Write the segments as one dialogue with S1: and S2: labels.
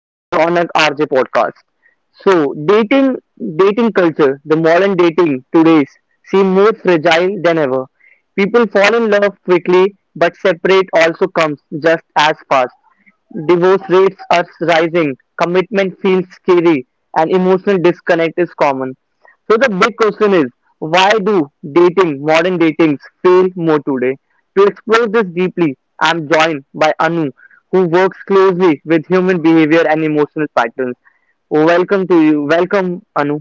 S1: to Ronak RJ podcast. So, dating culture, the modern dating today's seem more fragile than ever. People fall in love quickly, but separate also comes just as fast. Divorce rates are rising, commitment feels scary, and emotional disconnect is common. So the big question is, why do dating, modern datings fail more today? To explore this deeply, I'm joined by Anu, who works closely with human behavior and emotional patterns. Welcome to you. Welcome, Anu.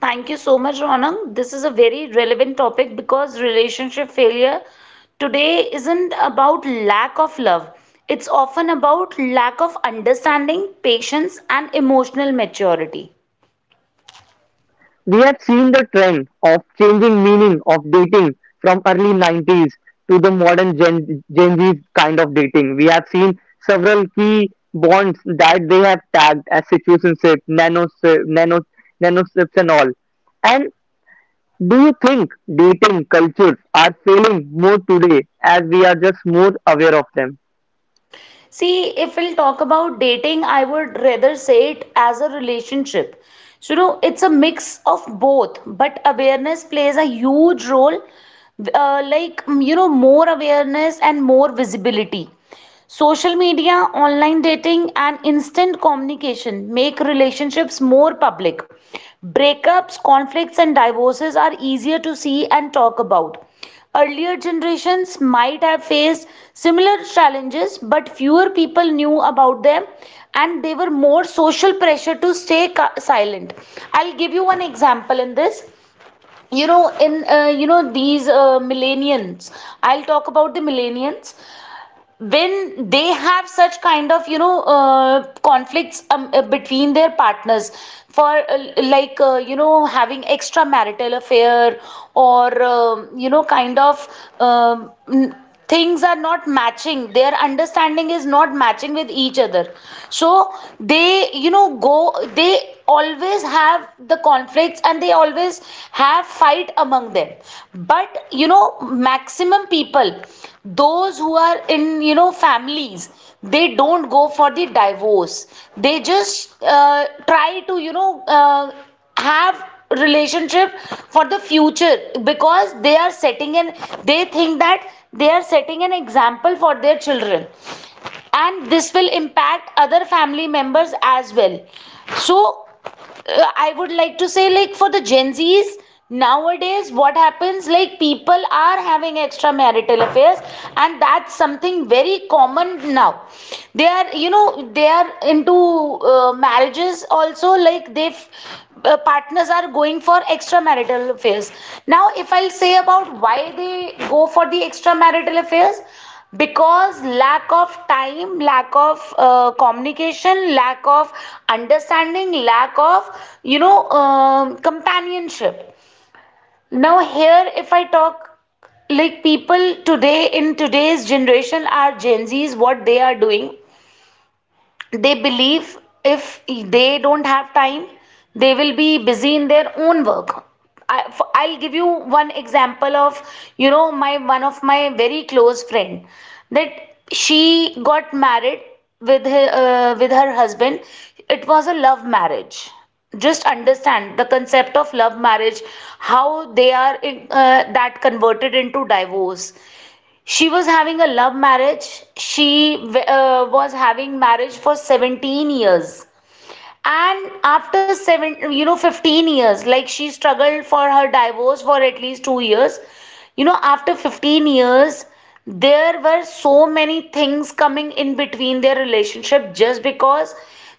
S2: Thank you so much, Ronang. This is a very relevant topic because relationship failure today isn't about lack of love. It's often about lack of understanding, patience, and emotional maturity.
S1: We have seen the trend of changing meaning of dating from early 90s to the modern Gen Z kind of dating. We have seen several key bonds that they have tagged as situationship, nanosips and all. And do you think dating cultures are failing more today as we are just more aware of them?
S2: See, if we'll talk about dating, I would rather say it as a relationship. So, you know, it's a mix of both, but awareness plays a huge role. Like, you know, more awareness and more visibility. Social media, online dating, and instant communication make relationships more public. Breakups, conflicts, and divorces are easier to see and talk about. Earlier generations might have faced similar challenges, but fewer people knew about them, and they were more social pressure to stay silent. I'll give you one example in this you know in you know these Millennials, I'll talk about the millennials. When they have such kind of, you know, conflicts, between their partners for, you know, having extramarital affair, or, you know, kind of, um, n- things are not matching, their understanding is not matching with each other. So they, you know, go they always have the conflicts, debates, and they always have fight among them. But, you know, maximum people, those who are in, you know, families, they don't go for the divorce. They just try to, you know, have relationship for the future, because they are setting an they think that they are setting an example for their children, and this will impact other family members as well. So, I would like to say, like, for the Gen Z's nowadays, what happens, like, people are having extramarital affairs, and that's something very common now. They are, you know, they are into, marriages also. Like, they, partners are going for extramarital affairs. Now, if I'll say about why they go for the extramarital affairs, because lack of time, lack of communication, lack of understanding, lack of, you know, companionship. Now here, if I talk, like people today, in today's generation, are Gen Z's, what they are doing, they believe, if they don't have time, they will be busy in their own work. I will give you one example of, you know, my one of my very close friend. That she got married with her husband. It was a love marriage. Just understand the concept of love marriage, how they are in, that converted into divorce. She was having a love marriage. She was having marriage for 17 years, and after 7, you know, 15 years, like, she struggled for her divorce for at least 2 years. You know, after 15 years, there were so many things coming in between their relationship, just because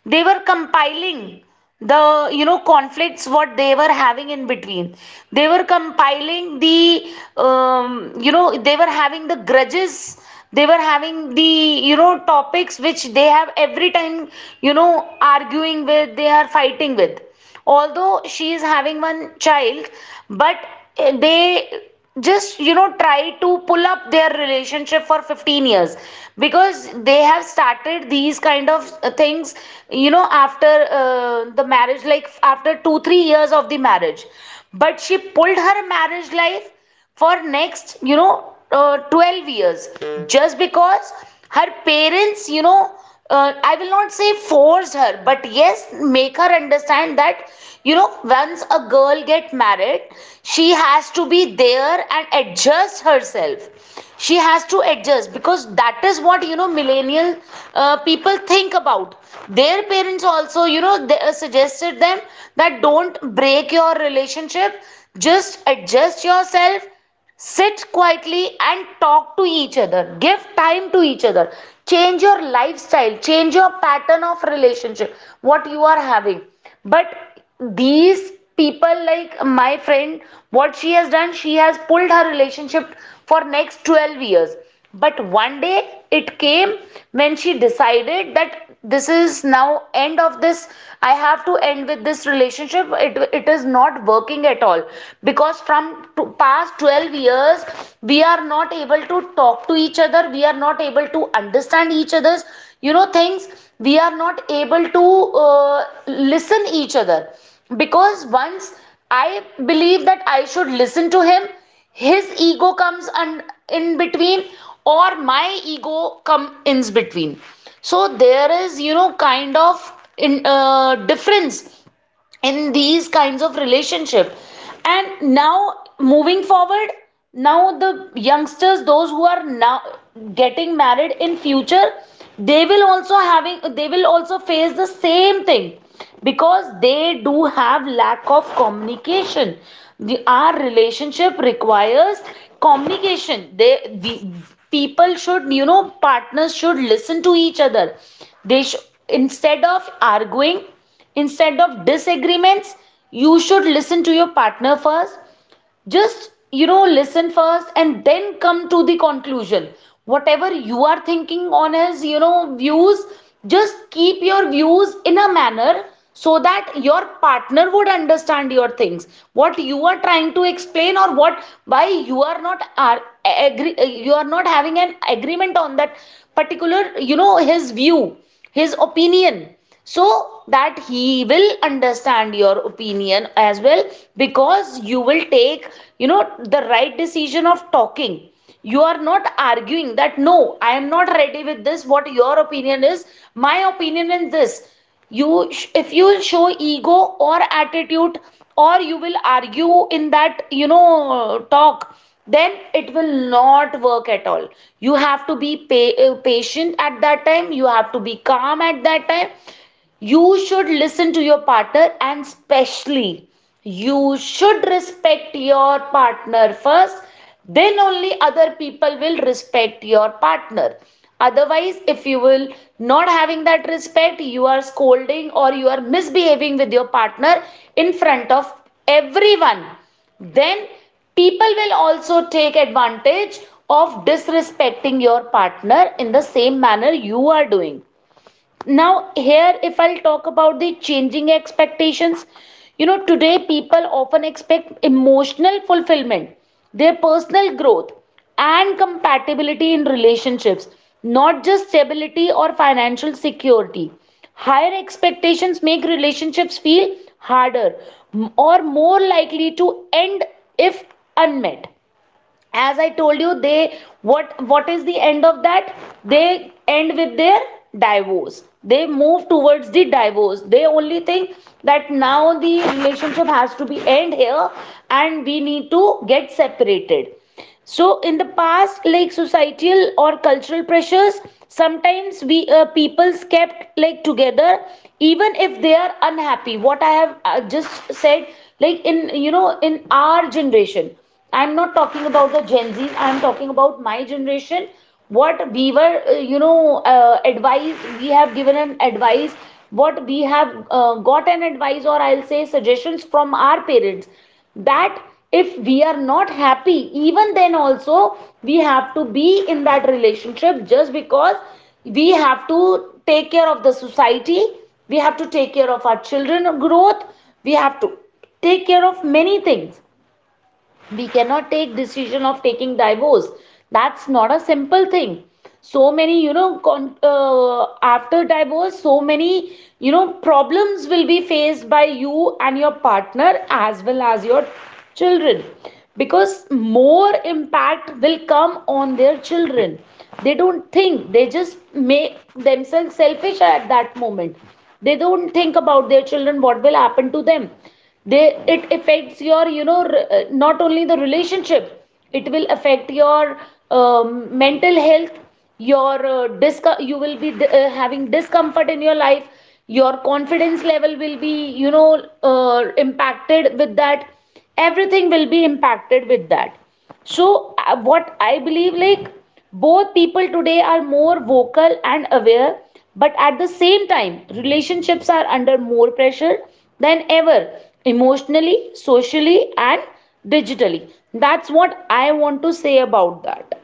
S2: they were compiling the, you know, conflicts what they were having in between. They were compiling the, you know, they were having the grudges, they were having the, you know, topics which they have every time, you know, arguing with, they are fighting with. Although she is having one child, but they just, you know, try to pull up their relationship for 15 years, because they have started these kind of things, you know, after the marriage, like after 2 3 years of the marriage. But she pulled her marriage life for next, you know, 12 years, just because her parents, you know, I will not say forced her, but yes, make her understand that, you know, once a girl get married, she has to be there and adjust herself. She has to adjust, because that is what, you know, millennial people think about. Their parents also, you know, they suggested them that don't break your relationship, just adjust yourself, sit quietly and talk to each other, give time to each other, change your lifestyle, change your pattern of relationship what you are having. But these people like my friend, what she has done, she has pulled her relationship for next 12 years. But one day it came when she decided that this is now end of this. I have to end with this relationship. It is not working at all, because from past 12 years, we are not able to talk to each other, we are not able to understand each other's, you know, things. We are not able to listen each other. Because once I believe that I should listen to him, his ego comes in between, or my ego come in between. So there is, you know, kind of, in difference in these kinds of relationship. And now, moving forward, now the youngsters, those who are now getting married in future, they will also face the same thing, because they do have lack of communication. Our relationship requires communication. People should, you know, partners should listen to each other. they sh- Instead of arguing, instead of disagreements, you should listen to your partner first. Just, you know, listen first and then come to the conclusion. Whatever you are thinking on his, you know, views, just keep your views in a manner, so that your partner would understand your things, what you are trying to explain, or what, why you are not are agree, you are not having an agreement on that particular, you know, his view, his opinion. So that he will understand your opinion as well. Because you will take, you know, the right decision of talking, you are not arguing that, no, I am not ready with this. What your opinion is, my opinion in this. You, if you will show ego, or attitude, or you will argue in that, you know, talk, then it will not work at all. You have to be patient at that time. You have to be calm at that time. You should listen to your partner, and specially, you should respect your partner first, then only other people will respect your partner. Otherwise, if you will not having that respect, you are scolding, or you are misbehaving with your partner in front of everyone, then people will also take advantage of disrespecting your partner in the same manner you are doing. Now, here, if I'll talk about the changing expectations, you know, today people often expect emotional fulfillment, their personal growth, and compatibility in relationships, not just stability or financial security. Higher expectations make relationships feel harder, or more likely to end if unmet. As I told you, they, what is the end of that, they end with their divorce. They move towards the divorce. They only think that now the relationship has to be end here, and we need to get separated. So in the past, like societal or cultural pressures sometimes, we, peoples kept like together even if they are unhappy. What I have just said, like in, you know, in our generation, I'm not talking about the Gen Z, I'm talking about my generation. What we were, you know, advice, we have given an advice, what we have got an advice, or I'll say suggestions from our parents, that if we are not happy, even then also, we have to be in that relationship, just because we have to take care of the society, we have to take care of our children growth, we have to take care of many things, we cannot take decision of taking divorce. That's not a simple thing. So many, you know, after divorce, so many, you know, problems will be faced by you and your partner, as well as your children, because more impact will come on their children. They don't think, they just make themselves selfish at that moment. They don't think about their children, what will happen to them. They, it affects your, you know, not only the relationship, it will affect your, mental health, your you will be having discomfort in your life, your confidence level will be, you know, impacted with that, everything will be impacted with that. So, what I believe, like, both people today are more vocal and aware, but at the same time, relationships are under more pressure than ever, emotionally, socially, and digitally. That's what I want to say about that.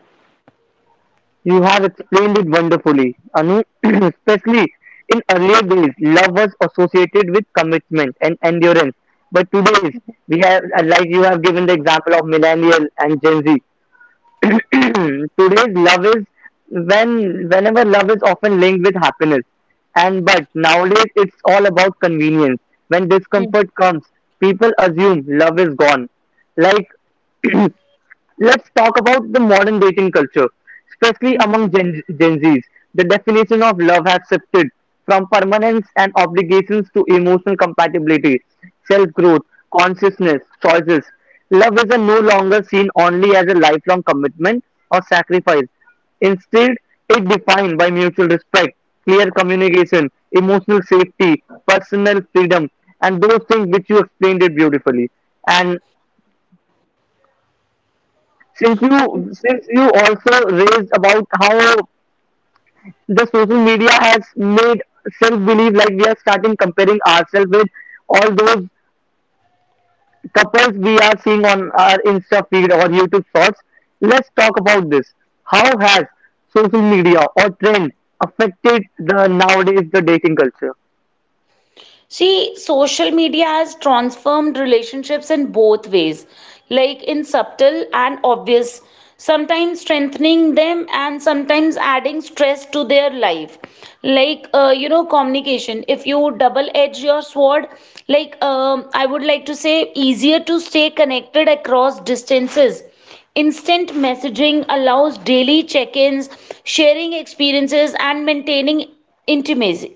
S1: You have explained it wonderfully, Anu. Especially in earlier days, love was associated with commitment and endurance. But today's, we have, like you have given the example of millennial and Gen Z. Today's love is whenever love is often linked with happiness, and but nowadays it's all about convenience. When
S2: Mhm.
S1: discomfort comes, people assume love is gone. Like, let's talk about the modern dating culture, especially
S2: Mhm.
S1: among Gen Zs. The definition of love has shifted from permanence and obligations to emotional compatibility, self growth, consciousness, choices. Love is a no longer seen only as a lifelong commitment or sacrifice. Instead, it defined by mutual respect, clear communication, emotional safety, personal freedom, and those things which you explained it beautifully. And since
S2: Thank.
S1: you since you also raised about how the social media has made self believe like we are starting comparing ourselves with all those couples we are seeing on our insta feed or YouTube shorts. Let's talk about this. How has social media or trend affected the nowadays the dating culture?
S2: See, social media has transformed relationships in both ways, like in subtle and obvious, sometimes strengthening them and sometimes adding stress to their life. Like, you know, communication. If you double edge your sword, like, I would like to say, easier to stay connected across distances. Instant messaging allows daily check ins, sharing experiences, and maintaining intimacy.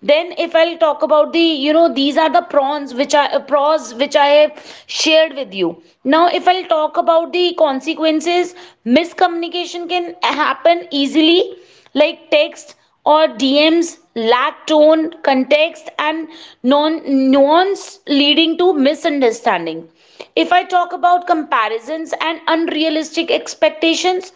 S2: Then, if I'll talk about the, you know, these are the prawns which I pros which I shared with you. Now, if I'll talk about the consequences, miscommunication can happen easily like text or DMs lack tone, context, and nuance, leading to misunderstanding. If I talk about comparisons and unrealistic expectations,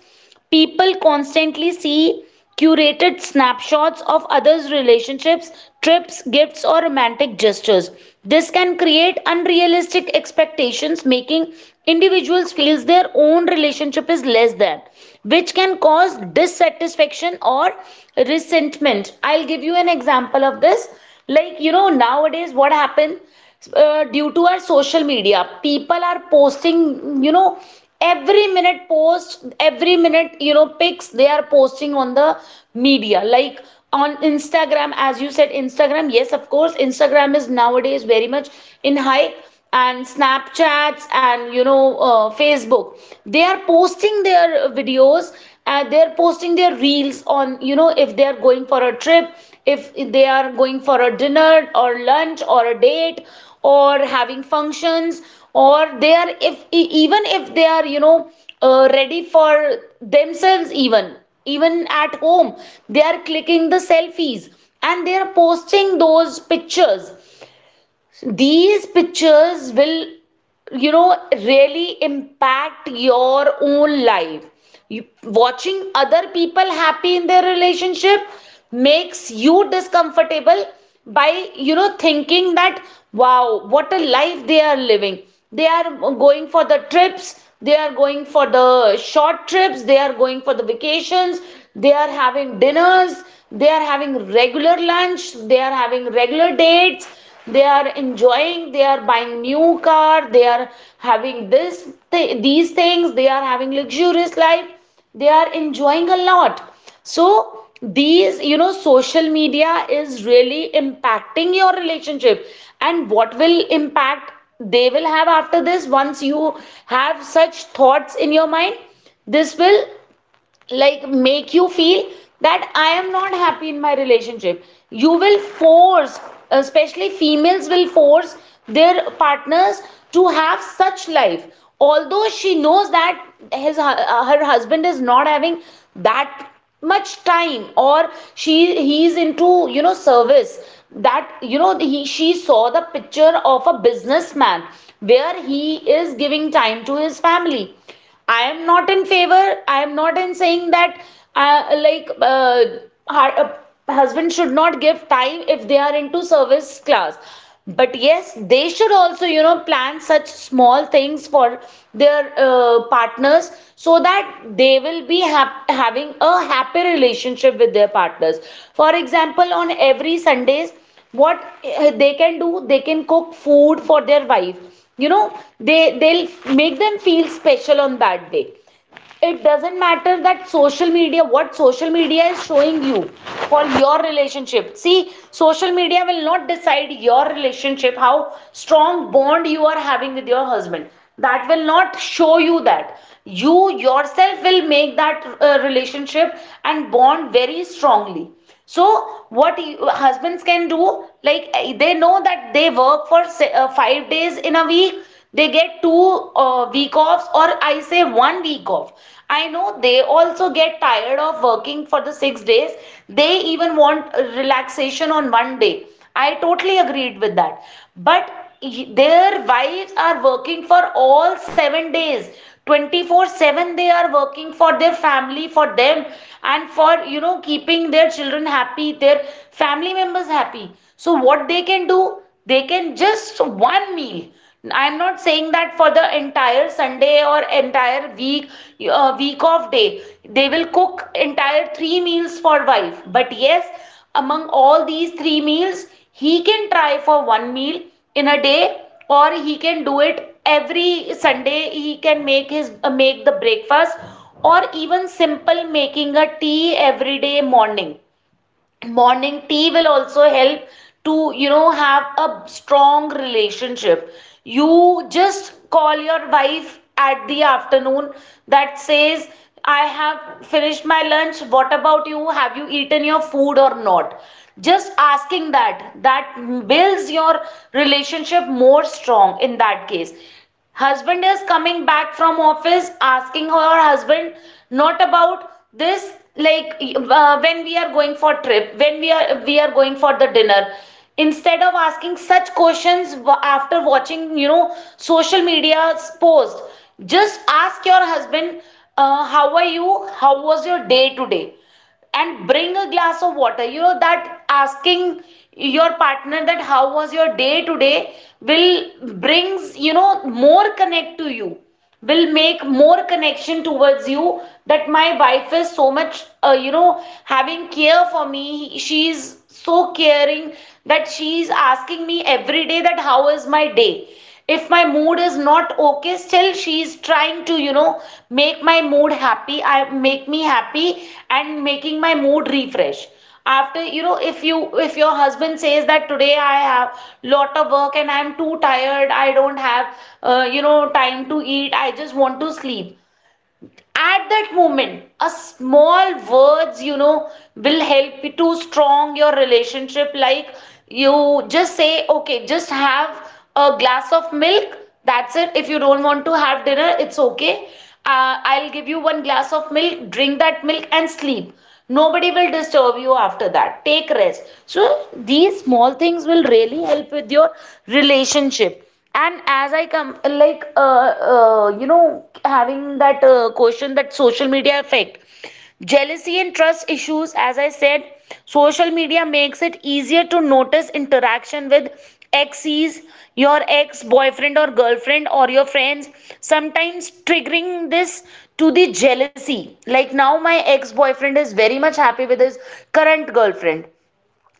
S2: people constantly see curated snapshots of others' relationships, trips, gifts, or romantic gestures. This can create unrealistic expectations, making individuals feel their own relationship is less than, which can cause dissatisfaction or resentment. I'll give you an example of this. Nowadays what happens due to our social media, people are posting, every minute, post every minute, pics they are posting on the media, like on Instagram. As you said Instagram, yes, of course, Instagram is nowadays very much in hype, and Snapchats and Facebook. They are posting their videos and they're posting their reels on, if they are going for a trip, if they are going for a dinner or lunch or a date, or having functions, or they are, if even if they are, ready for themselves, even even at home, they are clicking the selfies and they are posting those pictures. These pictures will, really impact your own life. You watching other people happy in their relationship makes you discomfortable by, thinking that, wow, what a life they are living. They are going for the trips, they are going for the short trips, they are going for the vacations, they are having dinners, they are having regular lunch, they are having regular dates, they are enjoying, they are buying new car, they are having these things, they are having luxurious life, they are enjoying a lot. So these, social media is really impacting your relationship. And what will impact they will have after this? Once you have such thoughts in your mind, this will like make you feel that I am not happy in my relationship. You will force, especially females will force their partners to have such life. Although she knows that his her husband is not having that much time, or she he's into service, that, he, she saw the picture of a businessman where he is giving time to his family. I am not in favor, I am not in saying that, uh, like uh, har- uh, husband should not give time if they are into service class. But yes, they should also, plan such small things for their partners so that they will be having a happy relationship with their partners. For example, on every Sundays, what they can do, they can cook food for their wife, they, they'll make them feel special on that day. It doesn't matter that social media, what social media is showing you for your relationship. See, social media will not decide your relationship, how strong bond you are having with your husband. That will not show you that. You yourself will make that relationship and bond very strongly. So what husbands can do, like, they know that they work for 5 days in a week. They get two week offs, or I say one week off. I know they also get tired of working for the 6 days, they even want relaxation on one day. I totally agreed with that. But their wives are working for all 7 days, 24/7 they are working for their family, for them, and for, keeping their children happy, their family members happy. So what they can do, they can just one meal. I'm not saying that for the entire Sunday or entire week, week of day, they will cook entire three meals for wife. But yes, among all these three meals, he can try for one meal in a day. Or he can do it every Sunday, he can make his make the breakfast. Or even simple, making a tea every day morning, morning tea will also help to, have a strong relationship. You just call your wife at the afternoon, that says, I have finished my lunch, what about you, have you eaten your food or not? Just asking that, that builds your relationship more strong. In that case, husband is coming back from office, asking her husband not about this like, when we are going for trip, when we are going for the dinner. Instead of asking such questions after watching, social media's post, just ask your husband, how are you, how was your day today, and bring a glass of water. That asking your partner that how was your day today will brings, more connect to you, will make more connection towards you. That my wife is so much, having care for me, she's so caring, that she's asking me every day that how is my day. If my mood is not okay, still she is trying to, make my mood happy, I make me happy, and making my mood refresh. After, if you, if your husband says that today I have lot of work and I'm too tired, I don't have time to eat, I just want to sleep. At that moment, a small words, will help you to strong your relationship. Like, you just say, okay, just have a glass of milk, that's it. If you don't want to have dinner, it's okay, I'll give you one glass of milk, drink that milk and sleep, nobody will disturb you after that, take rest. So these small things will really help with your relationship. And as I come, having that question that social media effect, jealousy and trust issues, as I said, social media makes it easier to notice interaction with exes, your ex boyfriend or girlfriend, or your friends, sometimes triggering this to the jealousy. Like, now my ex boyfriend is very much happy with his current girlfriend,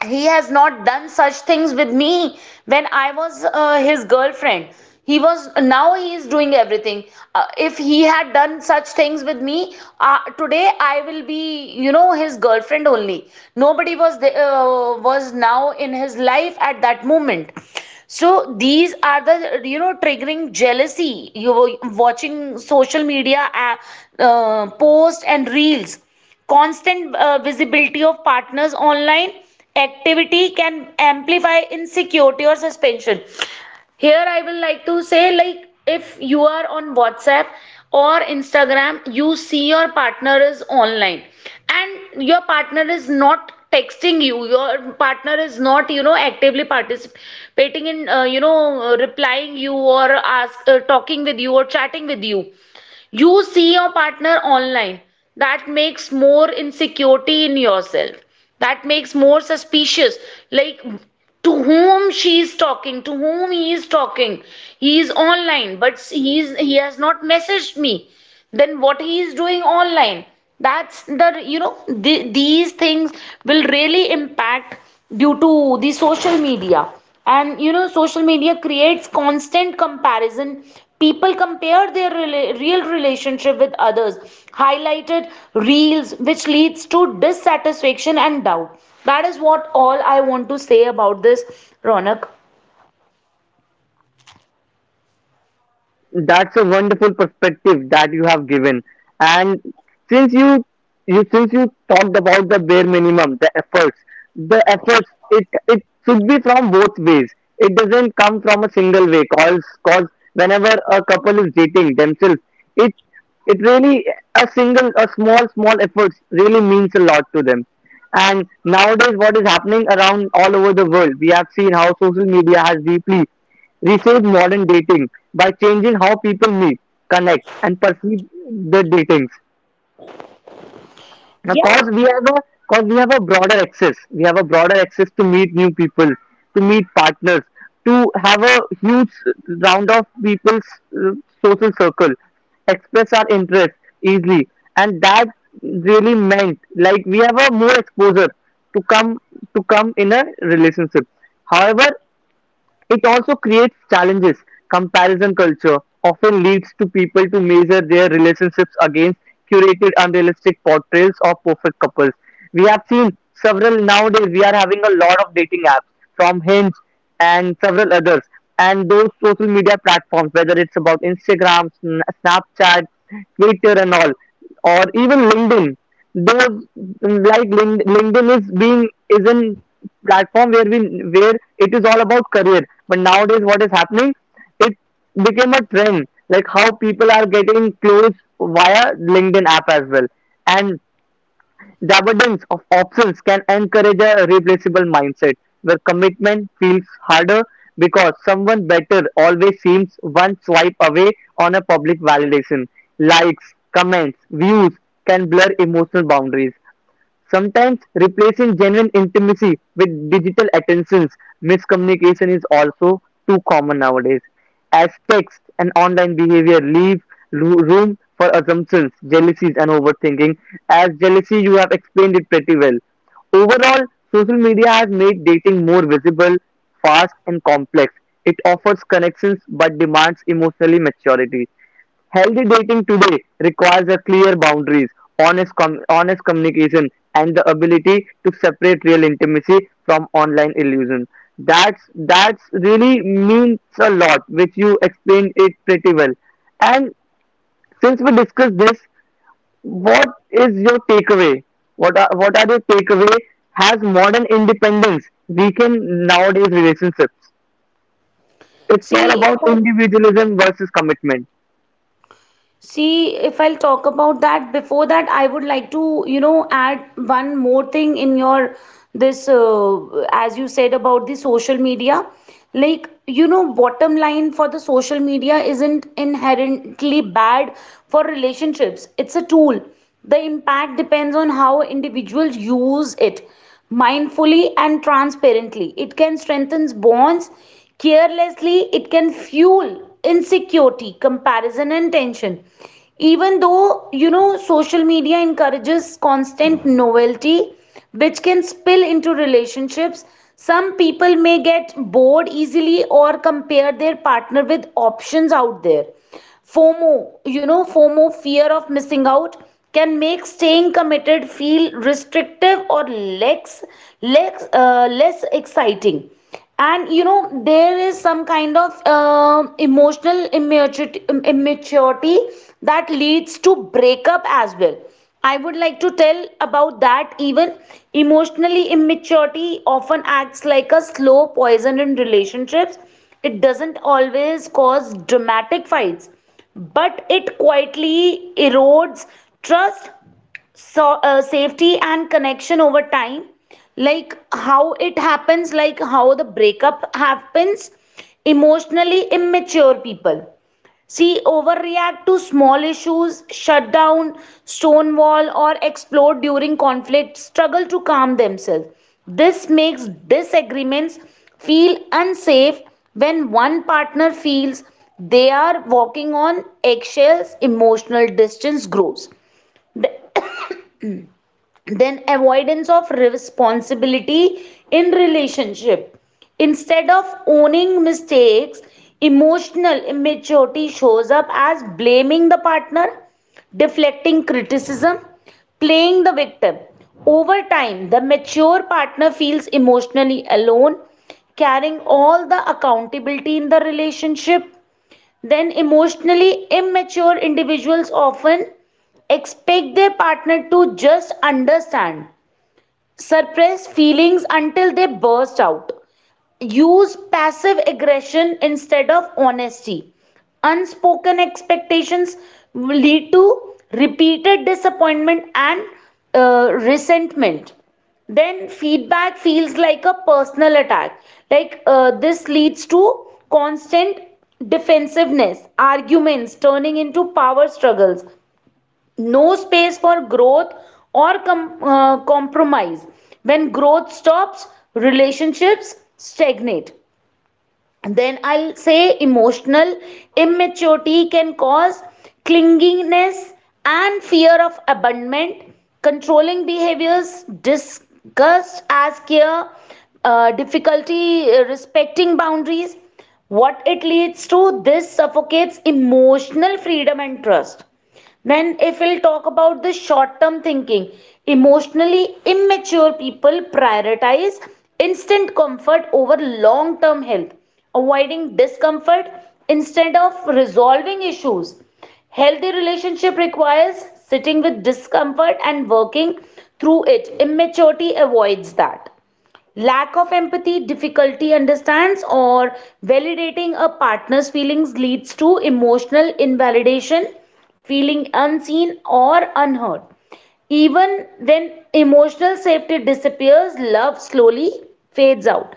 S2: he has not done such things with me when I was his girlfriend. He was Now he is doing everything. If he had done such things with me, today I will be, his girlfriend only. Nobody was was now in his life at that moment. So these are the, triggering jealousy, you were watching social media posts and reels. Constant visibility of partners' online activity can amplify insecurity or suspension. Here, I will like to say, like, if you are on WhatsApp or Instagram, you see your partner is online and your partner is not texting you, your partner is not, actively participating in, replying you or talking with you or chatting with you. You see your partner online, that makes more insecurity in yourself, that makes more suspicious. Like, to whom she is talking, to whom he is talking, he is online but he has not messaged me, then what he is doing online. That's the, these things will really impact due to the social media. And, social media creates constant comparison, people compare their real relationship with others' highlighted reels, which leads to dissatisfaction and doubt. That is what all I want to say about this, Ronak.
S1: That's a wonderful perspective that you have given. And since you since you talked about the bare minimum, the efforts, the efforts it it should be from both ways. It doesn't come from a single way, cause whenever a couple is dating themselves, it it really, a single, a small efforts really means a lot to them. And nowadays what is happening around all over the world, we have seen how social media has deeply reshape modern dating by changing how people meet, connect, and perceive the datings.
S2: Yeah.
S1: Because we have a because we have a broader access, we have a broader access to meet new people, to meet partners, to have a huge round of people's uh, social circle, express our interest easily, and that really meant like we have a more exposure to come to come in a relationship. However, it also creates challenges. Comparison culture often leads to people to measure their relationships against curated unrealistic portrayals of perfect couples. We have seen several nowadays we are having a lot of dating apps from Hinge and several others, and those social media platforms, whether it's about Instagram, Snapchat, Twitter and all, or even LinkedIn. The like LinkedIn is being is in platform where we, where it is all about career, but nowadays what is happening, it became a trend like how people are getting close via LinkedIn app as well. And the abundance of options can encourage a replaceable mindset where commitment feels harder because someone better always seems one swipe away, on a public validation. Likes, comments, views can blur emotional boundaries. Sometimes replacing genuine intimacy with digital attentions, miscommunication is also too common nowadays. As text and online behavior leave room for assumptions, jealousies, and overthinking. As jealousy, you have explained it pretty well. Overall, social media has made dating more visible, fast, and complex. It offers connections but demands emotionally maturity. Healthy dating today requires a clear boundaries, honest communication, and the ability to separate real intimacy from online illusion. That's really means a lot, which you explained it pretty well. And since we discussed this, what is your takeaway? What are your takeaway? Has modern independence weakened nowadays relationships? It's all
S2: See,
S1: about individualism versus commitment.
S2: If I'll talk about that, before that, I would like to, add one more thing in your this, as you said about the social media. Bottom line for the social media isn't inherently bad for relationships. It's a tool. The impact depends on how individuals use it mindfully and transparently. It can strengthen bonds. Carelessly, it can fuel insecurity, comparison, and tension. Even though, social media encourages constant novelty which can spill into relationships, some people may get bored easily or compare their partner with options out there. FOMO, FOMO, fear of missing out, can make staying committed feel restrictive or less exciting. And, there is some kind of emotional immaturity that leads to breakup as well. I would like to tell about that even. Emotionally immaturity often acts like a slow poison in relationships. It doesn't always cause dramatic fights, but it quietly erodes trust, safety, and connection over time. Like how it happens, like how the breakup happens, emotionally immature people. See, overreact to small issues, shut down, stonewall, or explode during conflict, struggle to calm themselves. This makes disagreements feel unsafe. When one partner feels they are walking on eggshells, emotional distance grows. Then avoidance of responsibility in relationship, instead of owning mistakes, emotional immaturity shows up as blaming the partner, deflecting criticism, playing the victim. Over time, the mature partner feels emotionally alone, carrying all the accountability in the relationship. Then emotionally immature individuals often expect their partner to just understand, suppress feelings until they burst out. Use passive aggression instead of honesty. Unspoken expectations will lead to repeated disappointment and resentment. Then feedback feels like a personal attack. Like this leads to constant defensiveness, arguments turning into power struggles, no space for growth or compromise. When growth stops, relationships stagnate. Then I'll say emotional immaturity can cause clinginess and fear of abandonment, controlling behaviors, disgust as care, difficulty respecting boundaries. What it leads to, this suffocates emotional freedom and trust. Then, if we'll talk about the short term thinking, emotionally immature people prioritize instant comfort over long term health, avoiding discomfort instead of resolving issues. Healthy relationship requires sitting with discomfort and working through it. Immaturity avoids that. Lack of empathy, difficulty understands or validating a partner's feelings leads to emotional invalidation, feeling unseen or unheard. Even when emotional safety disappears, love slowly fades out.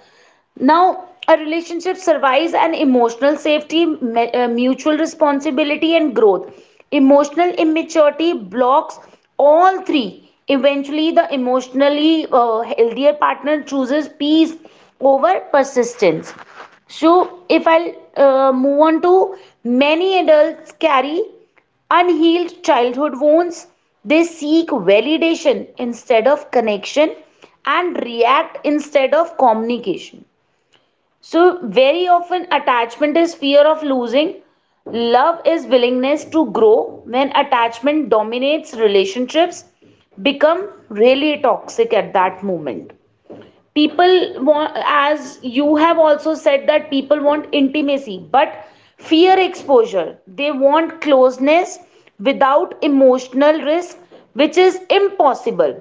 S2: Now, a relationship survives an emotional safety, mutual responsibility, and growth. Emotional immaturity blocks all three. Eventually, the emotionally healthier partner chooses peace over persistence. So, if I move on to, many adults carry unhealed childhood wounds. They seek validation instead of connection and react instead of communication. So, very often, attachment is fear of losing. Love is willingness to grow. When attachment dominates, relationships become really toxic. At that moment, people want, as you have also said, that people want intimacy but fear exposure. They want closeness without emotional risk, which is impossible,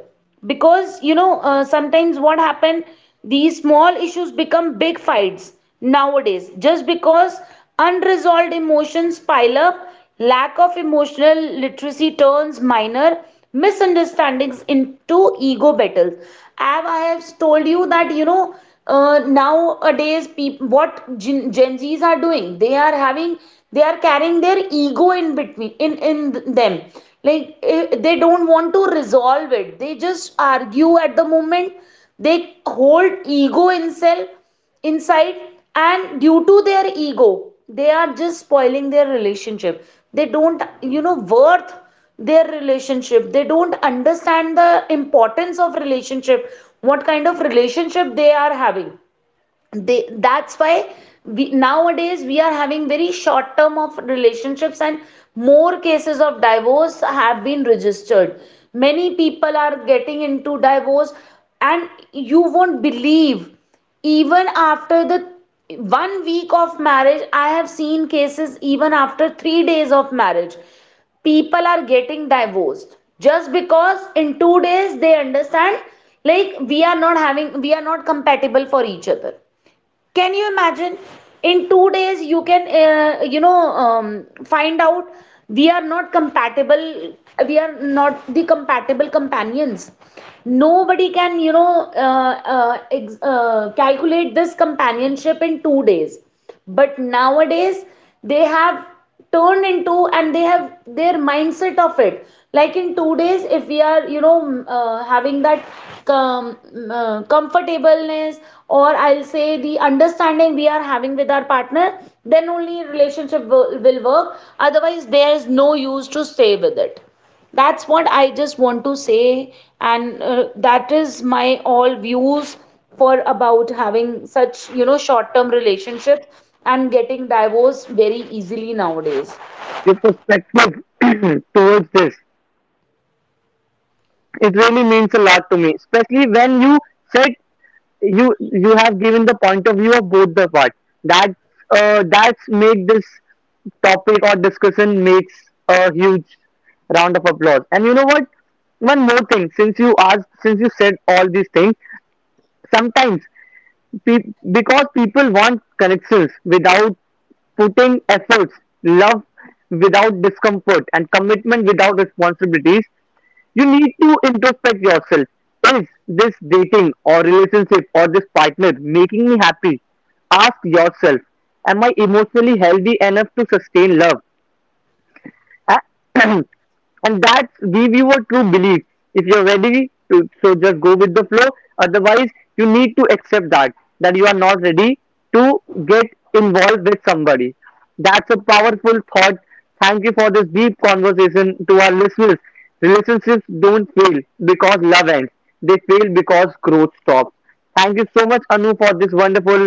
S2: because you know, sometimes what happened, these small issues become big fights nowadays just because unresolved emotions pile up. Lack of emotional literacy turns minor misunderstandings into ego battles. As I have told you, that you know, nowadays people, what Gen Zs are doing, they are having, they are carrying their ego in between, in them. Like they don't want to resolve it. They just argue at the moment. They hold ego in self inside, and due to their ego they are just spoiling their relationship. They don't, you know, worth their relationship. They don't understand the importance of relationship, what kind of relationship they are having. They, that's why we, nowadays we are having very short term of relationships, and more cases of divorce have been registered. Many people are getting into divorce, and you won't believe, even after the 1 week of marriage, I have seen cases even after 3 days of marriage people are getting divorced, just because in 2 days they understand, like, we are not having, we are not compatible for each other. Can you imagine? In 2 days, you can, find out we are not compatible. We are not the compatible companions. Nobody can, you know, calculate this companionship in 2 days. But nowadays they have turned into, and they have their mindset of it, like in 2 days if we are, you know, having that comfortableness, or I'll say the understanding we are having with our partner, then only relationship will work, otherwise there's no use to stay with it. That's what I just want to say, and that is my all views for about having such, you know, short-term relationships and getting divorced very easily nowadays.
S1: Your perspective towards this, it really means a lot to me, especially when you said you you have given the point of view of both the part. That, that's made this topic or discussion makes a huge round of applause. And you know what, one more thing, since you asked, since you said all these things, sometimes, pe- because people want connections without putting efforts, love without discomfort and commitment without responsibilities. You need to introspect yourself. Is this dating or relationship or this partner making me happy? Ask yourself, am I emotionally healthy enough to sustain love? A- and that give you a true belief. If you're ready to, so just go with the flow. Otherwise, you need to accept that, that you are not ready to get involved with somebody. That's a powerful thought. Thank you for this deep conversation. To our listeners, relationships don't fail because love ends. They fail because growth stops. Thank you so much Anu for this wonderful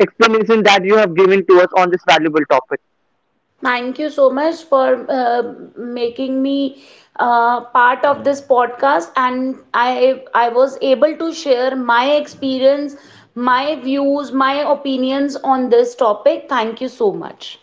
S1: explanation that you have given to us on this valuable topic.
S2: Thank you so much for making me part of this podcast, and I was able to share my experience, my views, my opinions on this topic. Thank you so much.